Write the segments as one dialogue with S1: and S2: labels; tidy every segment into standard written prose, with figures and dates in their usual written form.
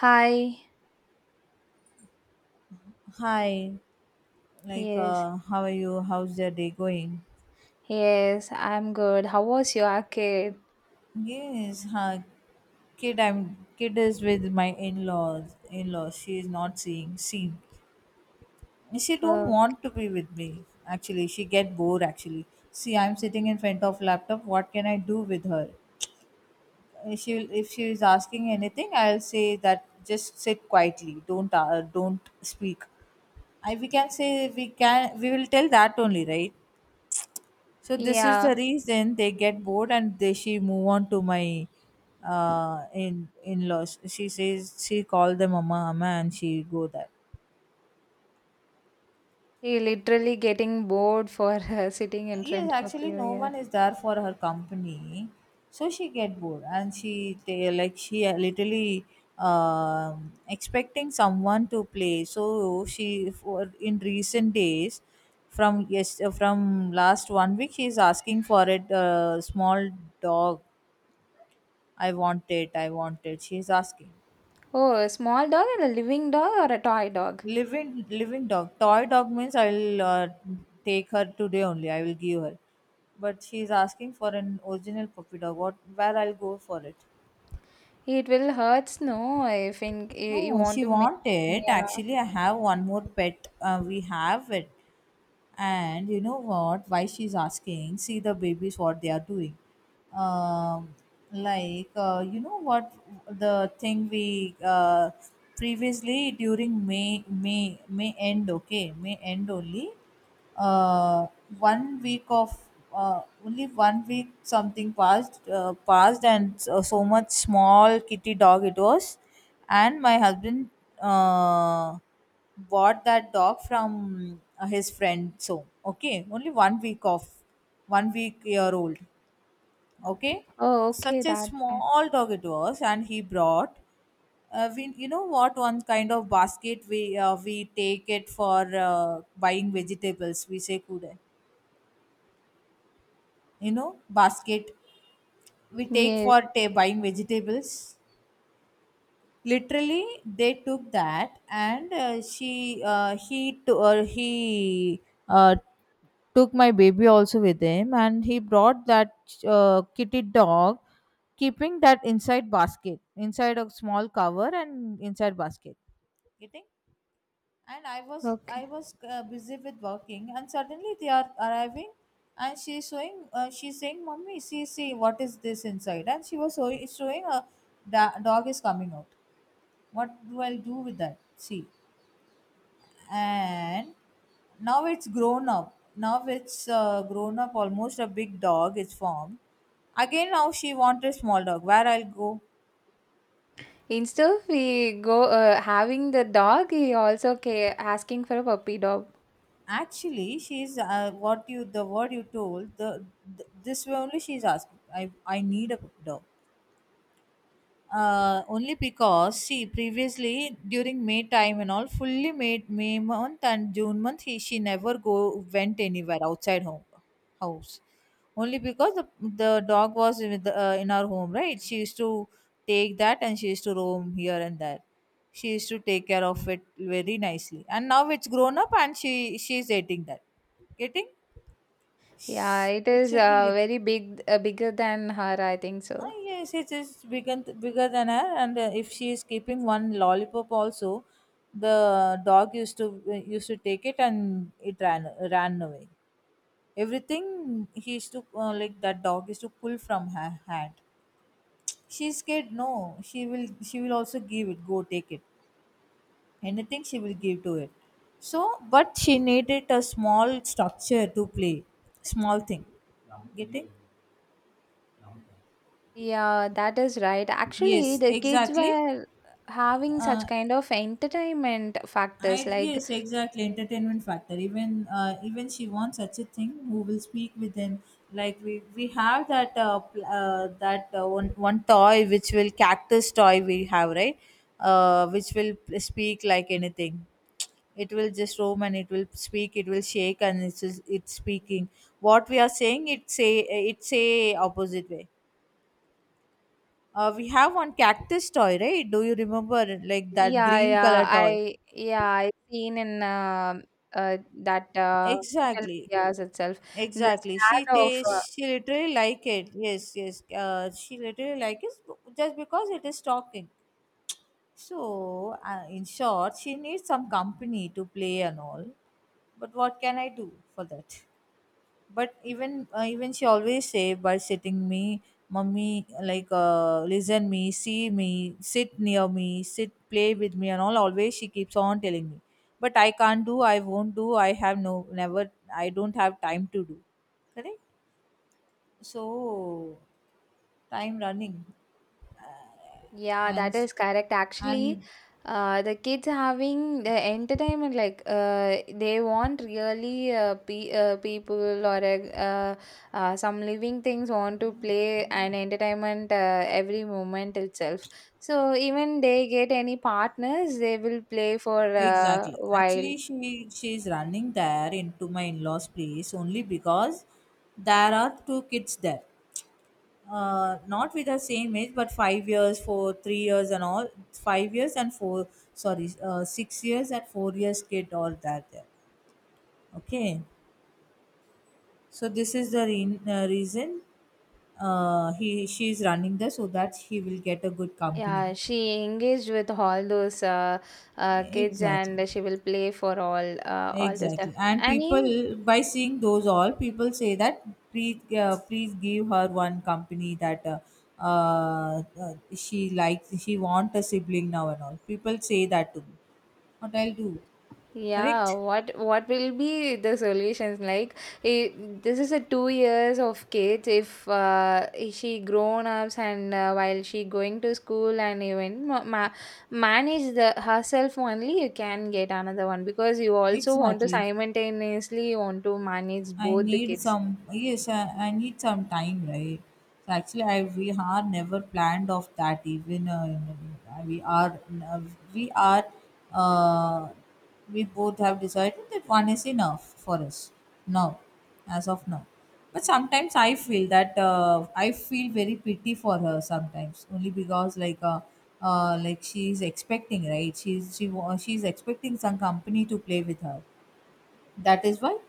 S1: Hi.
S2: Hi, like,
S1: Yes.
S2: how are you? How's your day going?
S1: Yes, I'm good. How was your kid?
S2: Yes, huh? Kid, I'm kid is with my in-laws. In-laws, she is not seeing. See, she don't
S1: Uh,
S2: want to be with me. Actually, she get bored. Actually, see, I'm sitting in front of laptop. What can I do with her? She will, if she is asking anything, I'll say that just sit quietly. Don't speak. I We can say, we will tell that only, right? So this is the
S1: yeah.
S2: reason they get bored and they she move on to my in laws. She says she called them mama mama and she go there.
S1: He literally getting bored for sitting in
S2: Yes,
S1: front of
S2: actually
S1: you.
S2: no
S1: Yeah.
S2: one is there for her company, so she get bored and like she literally expecting someone to play. So she for in recent days from, yes, from last one week she is asking for it a small dog. I want it. I want it, she's asking.
S1: Oh, a small dog and a living dog or a toy dog?
S2: Living, living dog. Toy dog means I'll, take her today only. I will give her. But she's asking for an original puppy dog. What? Where I'll go for it?
S1: It will hurts, no, if in you
S2: No,
S1: want
S2: she
S1: to make.
S2: wanted.
S1: Yeah.
S2: Actually, I have one more pet. We have it. And you know what? Why she's asking? See the babies, what they are doing. Um, like, you know what? The thing we, previously during May end, okay? May end only, uh, one week of, only one week something passed and so, so much small kitty dog it was. And my husband, uh, bought that dog from, his friend. So okay, only one week of one week year old. Okay,
S1: Oh, okay,
S2: such a
S1: that. Fine.
S2: small dog it was. And he brought, we, you know what, one kind of basket we, we take it for, buying vegetables, we say kude, basket. We take
S1: Yes.
S2: for buying vegetables. Literally they took that, and, he uh, took my baby also with him, and he brought that, kitty dog, keeping that inside basket, inside a small cover and inside basket, you think? And i was i
S1: Okay.
S2: was uh, busy with working, and suddenly they are arriving, and she's saying, "Mommy, see, see what is this inside?" And she was showing a dog is coming out. What do I do with that? See. And now it's grown up, almost a big dog is formed. Again now she wants a small dog. Where I'll go?
S1: Instead of we go having the dog, he also asking for a puppy dog.
S2: Actually, she's, what you, the word you told, the, th this only she's asking. I need a dog. Only because, see, previously during May time and all, fully May month and June month, he she never go went anywhere outside home house, only because the dog was with in our home, right? She used to take that and she used to roam here and there. She used to take care of it very nicely, and now it's grown up, and she's eating that. Getting?
S1: Yeah, it
S2: It
S1: is
S2: should be
S1: very big, bigger than her, I think so.
S2: Ah, yes, it is bigger, bigger than her, and, if she is keeping one lollipop also, the dog used to take it, and it ran away. Everything he used to, like that dog used to pull from her hand. She's scared. No, she will also give it. Go take it. Anything she will give to it. So, but she needed a small structure to play, small thing. Getting?
S1: Yeah, that is right. Actually,
S2: Yes,
S1: the kids
S2: exactly.
S1: were having such kind of entertainment
S2: I
S1: factors like
S2: Yes, exactly. Entertainment factor. Even she wants such a thing. Who will speak with him? Like we have that one toy which will cactus toy we have, right? Which will speak like anything. It will just roam and it will speak. It will shake, and it's just, it's speaking. What we are saying, it say opposite way. We have one cactus toy, right? Do you remember, like that
S1: yeah,
S2: green
S1: yeah,
S2: color toy?
S1: I yeah, I seen in uh, that social
S2: Exactly.
S1: medias itself. The
S2: Exactly. She
S1: scared of
S2: tastes. She literally like it. Yes, yes. She literally like it just because it is talking. So, in short, she needs some company to play and all. But what can I do for that? But even she always say by sitting me, mummy, like, listen me, see me, sit near me, sit play with me and all. Always she keeps on telling me. But I can't do. I won't do. I have no never. I don't have time to do. Correct. So time running,
S1: yeah,
S2: and
S1: that
S2: sh-
S1: is correct. Actually,
S2: and
S1: the kids having the entertainment like they want really pe people or some living things want to play and entertainment every moment itself. So even they get any partners, they will play for a
S2: exactly,
S1: while.
S2: actually she is running there into my in-laws place only because there are two kids there, not with the same age, but 5 years, for 3 years and all, 5 years and four, sorry, 6 years and 4 years kid, all that there. Okay, so this is the reason, he she is running there so that he will get a good company.
S1: Yeah, she engaged with all those kids
S2: Exactly,
S1: and she will play for all the stuff.
S2: exactly. And
S1: And even
S2: people, by seeing those all, people say that, "Please, please give her one company that, she likes. She want a sibling now and all." People say that to me. What I'll do?
S1: yeah,
S2: Correct?
S1: what will be the solutions like? It, this is a 2 years of kids. If she grown ups and while she going to school and even manage the herself only, you can get another one because you also want to
S2: Exactly.
S1: simultaneously want to manage
S2: I
S1: both the
S2: need
S1: kids.
S2: some yes, I need some time, right? So actually, I we are never planned of that. Even, uh, we are uh, we both have decided that one is enough for us now, as of now. But sometimes I feel very pity for her sometimes, only because like she's expecting, right? She's expecting some company to play with her. That is why.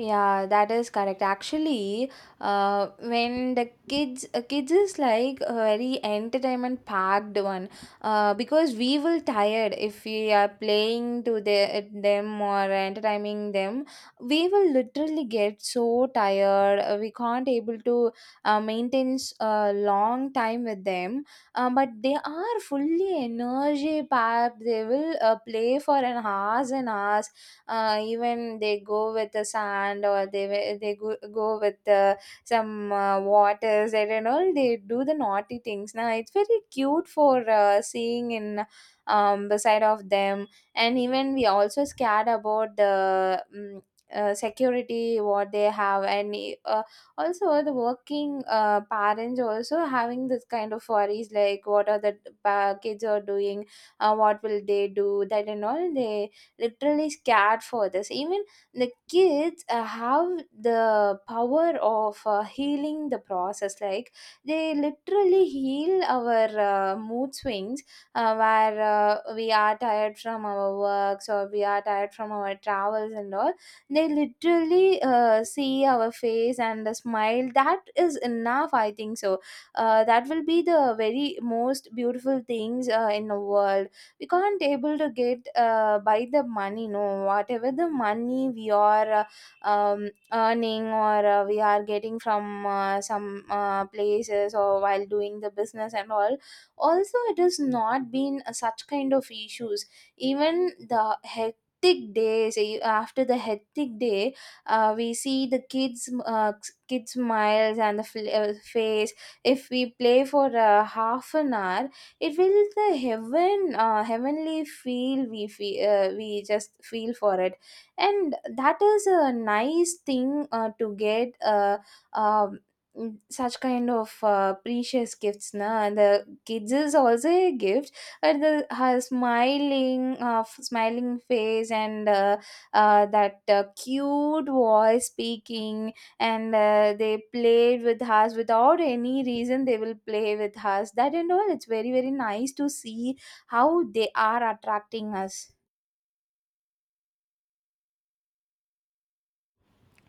S1: Yeah, that is correct. Actually, when the kids is like a very entertainment packed one, because we will tired if we are playing to the, them or entertaining them. We will literally get so tired. We can't able to maintain a long time with them. But they are fully energy packed. They will play for an hours and hours, even they go with the sand or they they go with some water and all they do the naughty things. Now it's very cute for seeing in beside of them, and even we also scared about the security what they have, and uh, also the working parents also having this kind of worries like what are the kids are doing, what will they do that and all they literally scared for this. Even the kids have the power of healing the process, like they literally heal our mood swings, where we are tired from our works or we are tired from our travels and all. They literally see our face and a smile, that is enough, I think so. That will be the very most beautiful things in the world. We can't able to get by the money, no, whatever the money we are earning or we are getting from some places or while doing the business and all. Also, it has not been such kind of issues. Even the hectic days, after the hectic day, we see the kids smiles and the face. If we play for half an hour, it will the heavenly feel we feel, we just feel for it. And that is a nice thing to get, um, such kind of precious gifts na, and the kids is also a gift. And the her smiling face and that cute voice speaking, and they play with us without any reason, they will play with us, that and all. It's very very nice to see how they are attracting us.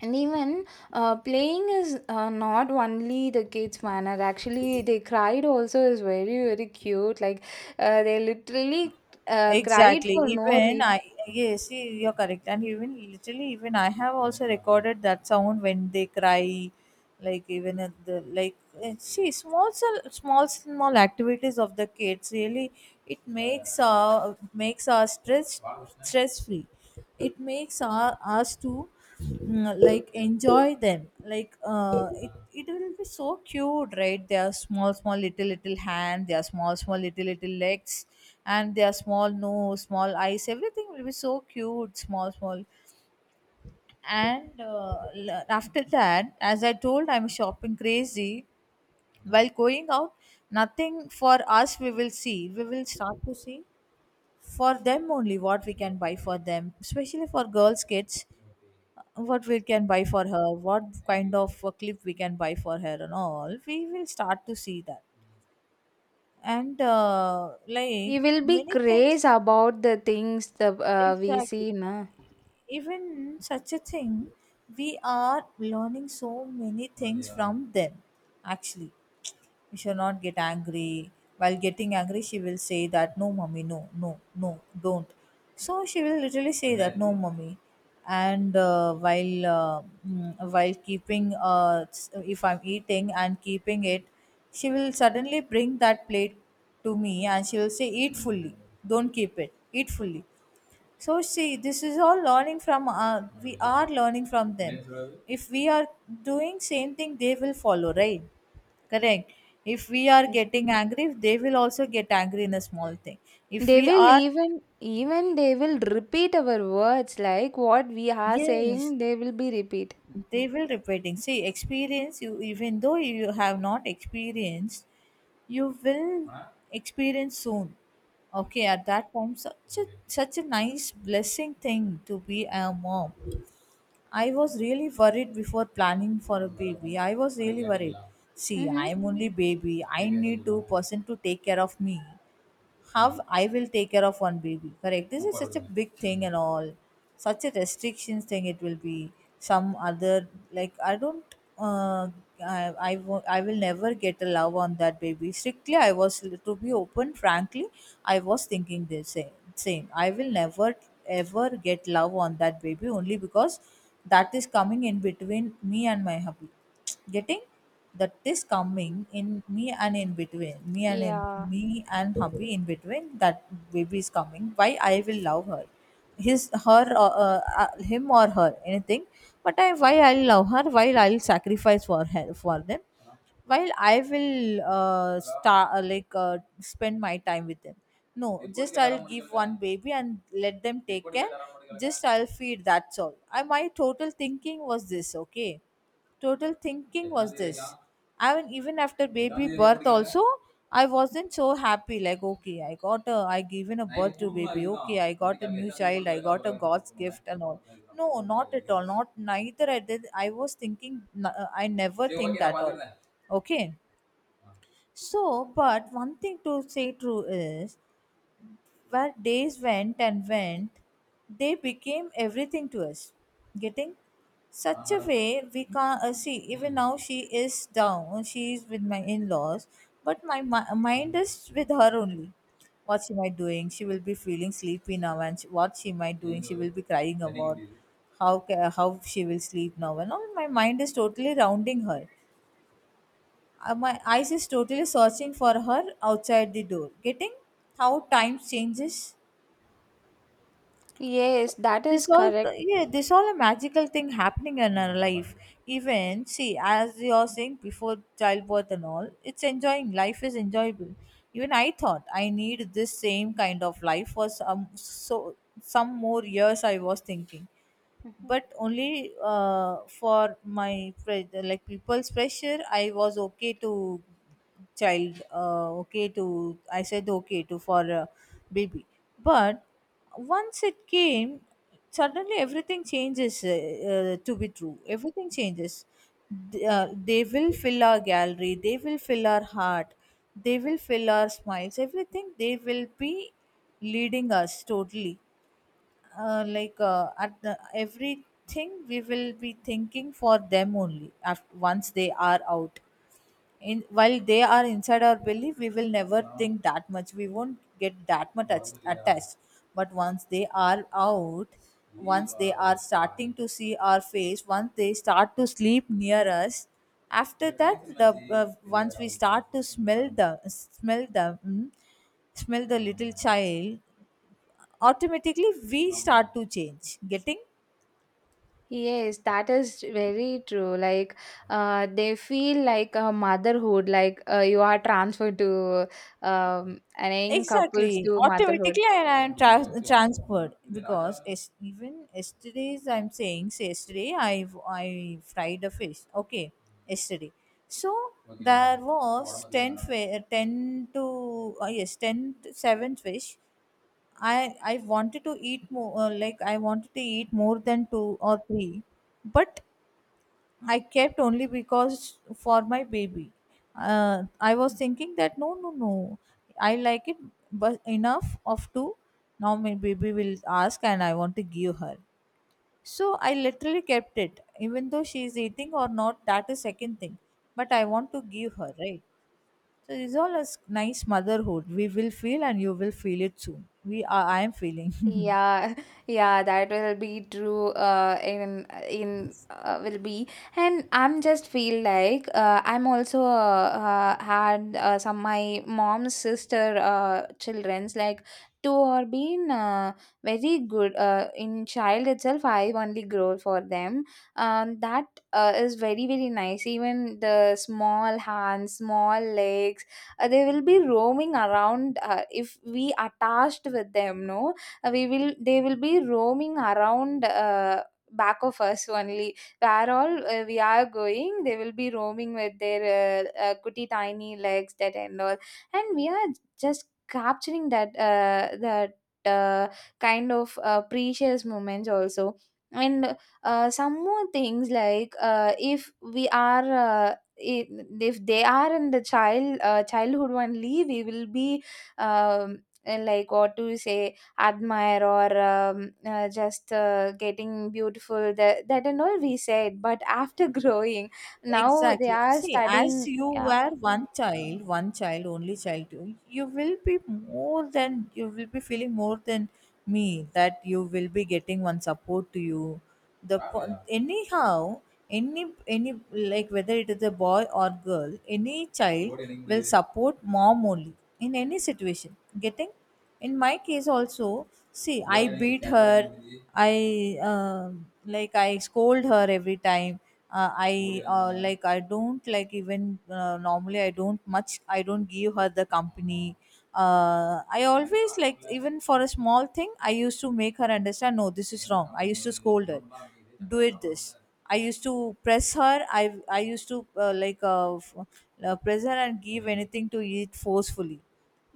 S1: And even playing is not only the kids manner. Actually, they cried also is very very cute, like they literally cried
S2: Exactly.
S1: for no
S2: Even
S1: reason.
S2: I, yes, see, you're correct. And even literally, even I have also recorded that sound when they cry, like even at the like. See, small, small activities of the kids really it makes our stress free. It makes us to like enjoy them. Like, it will be so cute, right? They are small small little little hand, they are small small little little legs, and their small nose, small eyes, everything will be so cute, small small. And, after that, as I told, I'm shopping crazy. While going out, nothing for us, we will start to see for them only, what we can buy for them, especially for girls kids, what we can buy for her, what kind of a clip we can buy for her and all. We will start to see that. And,
S1: We
S2: like,
S1: will be
S2: many
S1: crazy
S2: things.
S1: about the things that we
S2: Exactly.
S1: see na.
S2: Even such a thing, we are learning so many things, yeah, from them. Actually, we should not get angry. While getting angry, she will say that, "No, mommy, no, no, no, don't." So she will literally say that, "No, mommy." And, while keeping, if I'm eating and keeping it, she will suddenly bring that plate to me and she will say, "Eat fully, don't keep it, eat fully." So see, this is all learning from. We are learning from them. If we are doing same thing, they will follow, right? Correct. If we are
S1: Yes.
S2: getting angry, they will also get angry in a small thing. If
S1: They
S2: we
S1: will
S2: are,
S1: even they will repeat our words, like what we are
S2: yes,
S1: saying they will be repeat.
S2: they will repeating. See, experience you, even though you have not experienced, you will experience soon. Okay, at that time, such a such a nice blessing thing to be a mom. I was really worried before planning for a baby. I was really worried. See,
S1: Mm-hmm.
S2: I'm only baby. I need two person to take care of me, how I will take care of one baby. Correct. This is such a big thing and all. Such a restrictions thing it will be. Some other like I don't. Uh, I will never get a love on that baby. Strictly, I was to be open. Frankly, I was thinking the same. Same. I will never ever get love on that baby only because that is coming in between me and my hubby. Getting? That is coming in me and in between me and in
S1: Yeah.
S2: me and hubby, in between that baby is coming. Why I will love her, his, her, him or her, anything. But I why I'll love her, while I'll sacrifice for her, for them, while I will, start, like, spend my time with them. No, just I'll give one baby and let them take care. Just I'll feed. That's all. I My total thinking was this. Okay, total thinking was this. I mean, even after baby birth also. I wasn't so happy, like, okay, I given a birth to baby. Okay, I got a new child, I got a God's gift and all. No, not at all, not neither. I was thinking, I never think that all. Okay. So, but one thing to say true is, where days went and went, they became everything to us. Getting such a way we can't see. Even now, she is down. She is with my in-laws, but my mind is with her only. What she might doing? She will be feeling sleepy now, and what she might doing? She will be crying about how she will sleep now. And all my mind is totally rounding her. My eyes is totally searching for her outside the door. Getting how time changes.
S1: Yes, that
S2: This
S1: is
S2: all,
S1: correct.
S2: yeah, this all a magical thing happening in our life. Even see, as you're saying, before childbirth and all, it's enjoying, life is enjoyable. Even I thought I need this same kind of life for some, so some more years I was thinking.
S1: Mm-hmm.
S2: But only for my like people's pressure, I was okay to child, okay to, I said okay to for baby. But once it came, suddenly everything changes, to be true, everything changes. They will fill our gallery, they will fill our heart, they will fill our smiles, everything they will be leading us totally, at the everything we will be thinking for them only after, once they are out. In while they are inside our belly, we will never think that much, we won't get that much attached. But once they are out, once they are starting to see our face, once they start to sleep near us, after that the once we start to smell the little child, automatically we start to change. Getting?
S1: Yes, that is very true. Like, they feel like a motherhood, like you are transferred to an young
S2: Exactly.
S1: couples to motherhood.
S2: Automatically. And I am transferred. Because even yesterday's I'm saying, say yesterday I fried a fish, okay, yesterday. So there was 10 to yes, 10 to 7 fish. I I wanted to eat more, I wanted to eat more than two or three, but I kept only because for my baby. I was thinking that no, no, no, I like it, but enough of two. Now my baby will ask, and I want to give her. So I literally kept it, even though she is eating or not. That is second thing, but I want to give her, right? So this is all a nice motherhood. We will feel, and you will feel it soon. We are. I am feeling.
S1: Yeah, yeah, that will be true. In will be, and I'm just feel like I'm also had some my mom's sister childrens like two are been very good in child itself. I only grow for them. That is very very nice. Even the small hands, small legs, they will be roaming around if we attached with them. No, we will they will be roaming around back of us only, where all we are going they will be roaming with their goody tiny legs, that and all. And we are just capturing that uh, kind of precious moments also. And some more things like if we are if they are in the childhood only, we will be um, like what to say admire or just getting beautiful, that, that and all we said, but after growing now they
S2: Exactly.
S1: are
S2: See, as
S1: studying,
S2: you
S1: yeah.
S2: were one child, only child, you will be more than, you will be feeling more than me, that you will be getting one support to you. The ah, yeah. Anyhow, any, like whether it is a boy or girl, any child will support mom only in any situation. Getting? In my case also, see, I beat her. I um like I scold her every time. I don't like even normally, I don't much, I don't give her the company. I always, like, even for a small thing, I used to make her understand no, this is wrong, I used to scold her, do it this. I used to press her. I used to uh, like uh, f- press her and give anything to eat forcefully.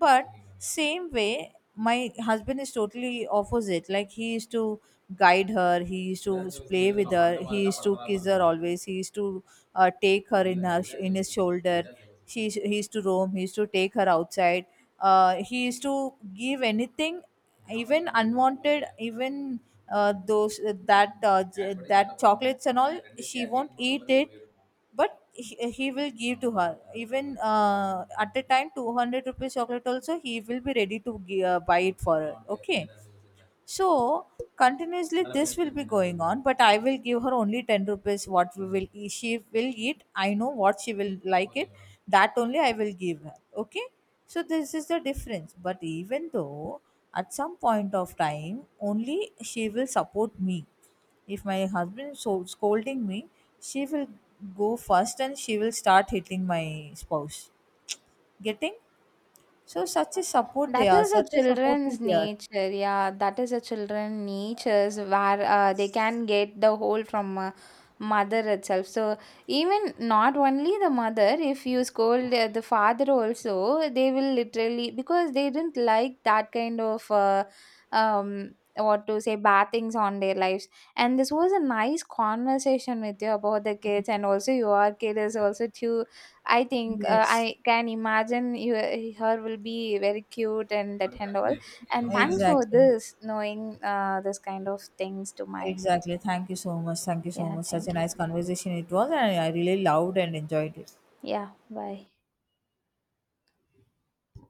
S2: But same way, my husband is totally opposite. Like he used to guide her, he used to play with her, he used to kiss her always, he used to take her in his shoulder. She He used to roam, he used to take her outside. He used to give anything, even unwanted, even that chocolates and all. She won't eat it, but he will give to her, even at a time 200 rupees chocolate also he will be ready to buy it for her, okay. So continuously this will be going on, but I will give her only 10 rupees. What we will eat, she will eat. I know what she will like it. That only I will give her. Okay. So this is the difference. But even though, at some point of time, only she will support me. If my husband is so scolding me, she will go first and she will start hitting my spouse. Getting? So such a support they
S1: That
S2: are,
S1: is a
S2: such a supportive
S1: children's
S2: they are.
S1: nature, yeah. That is a children natures where they can get the whole from mother itself. So even not only the mother, if you scold the father also, they will literally, because they didn't like that kind of what to say bad things on their lives. And this was a nice conversation with you about the kids, and also your kid is also too, I think
S2: Yes.
S1: I can imagine you, her will be very cute and that and all. And thanks for
S2: Exactly.
S1: this, knowing this kind of things to my.
S2: Exactly. Thank you so much. Thank you so
S1: Yeah,
S2: much. Such a
S1: thank you.
S2: nice conversation it was, and I really loved and enjoyed it.
S1: Yeah, bye.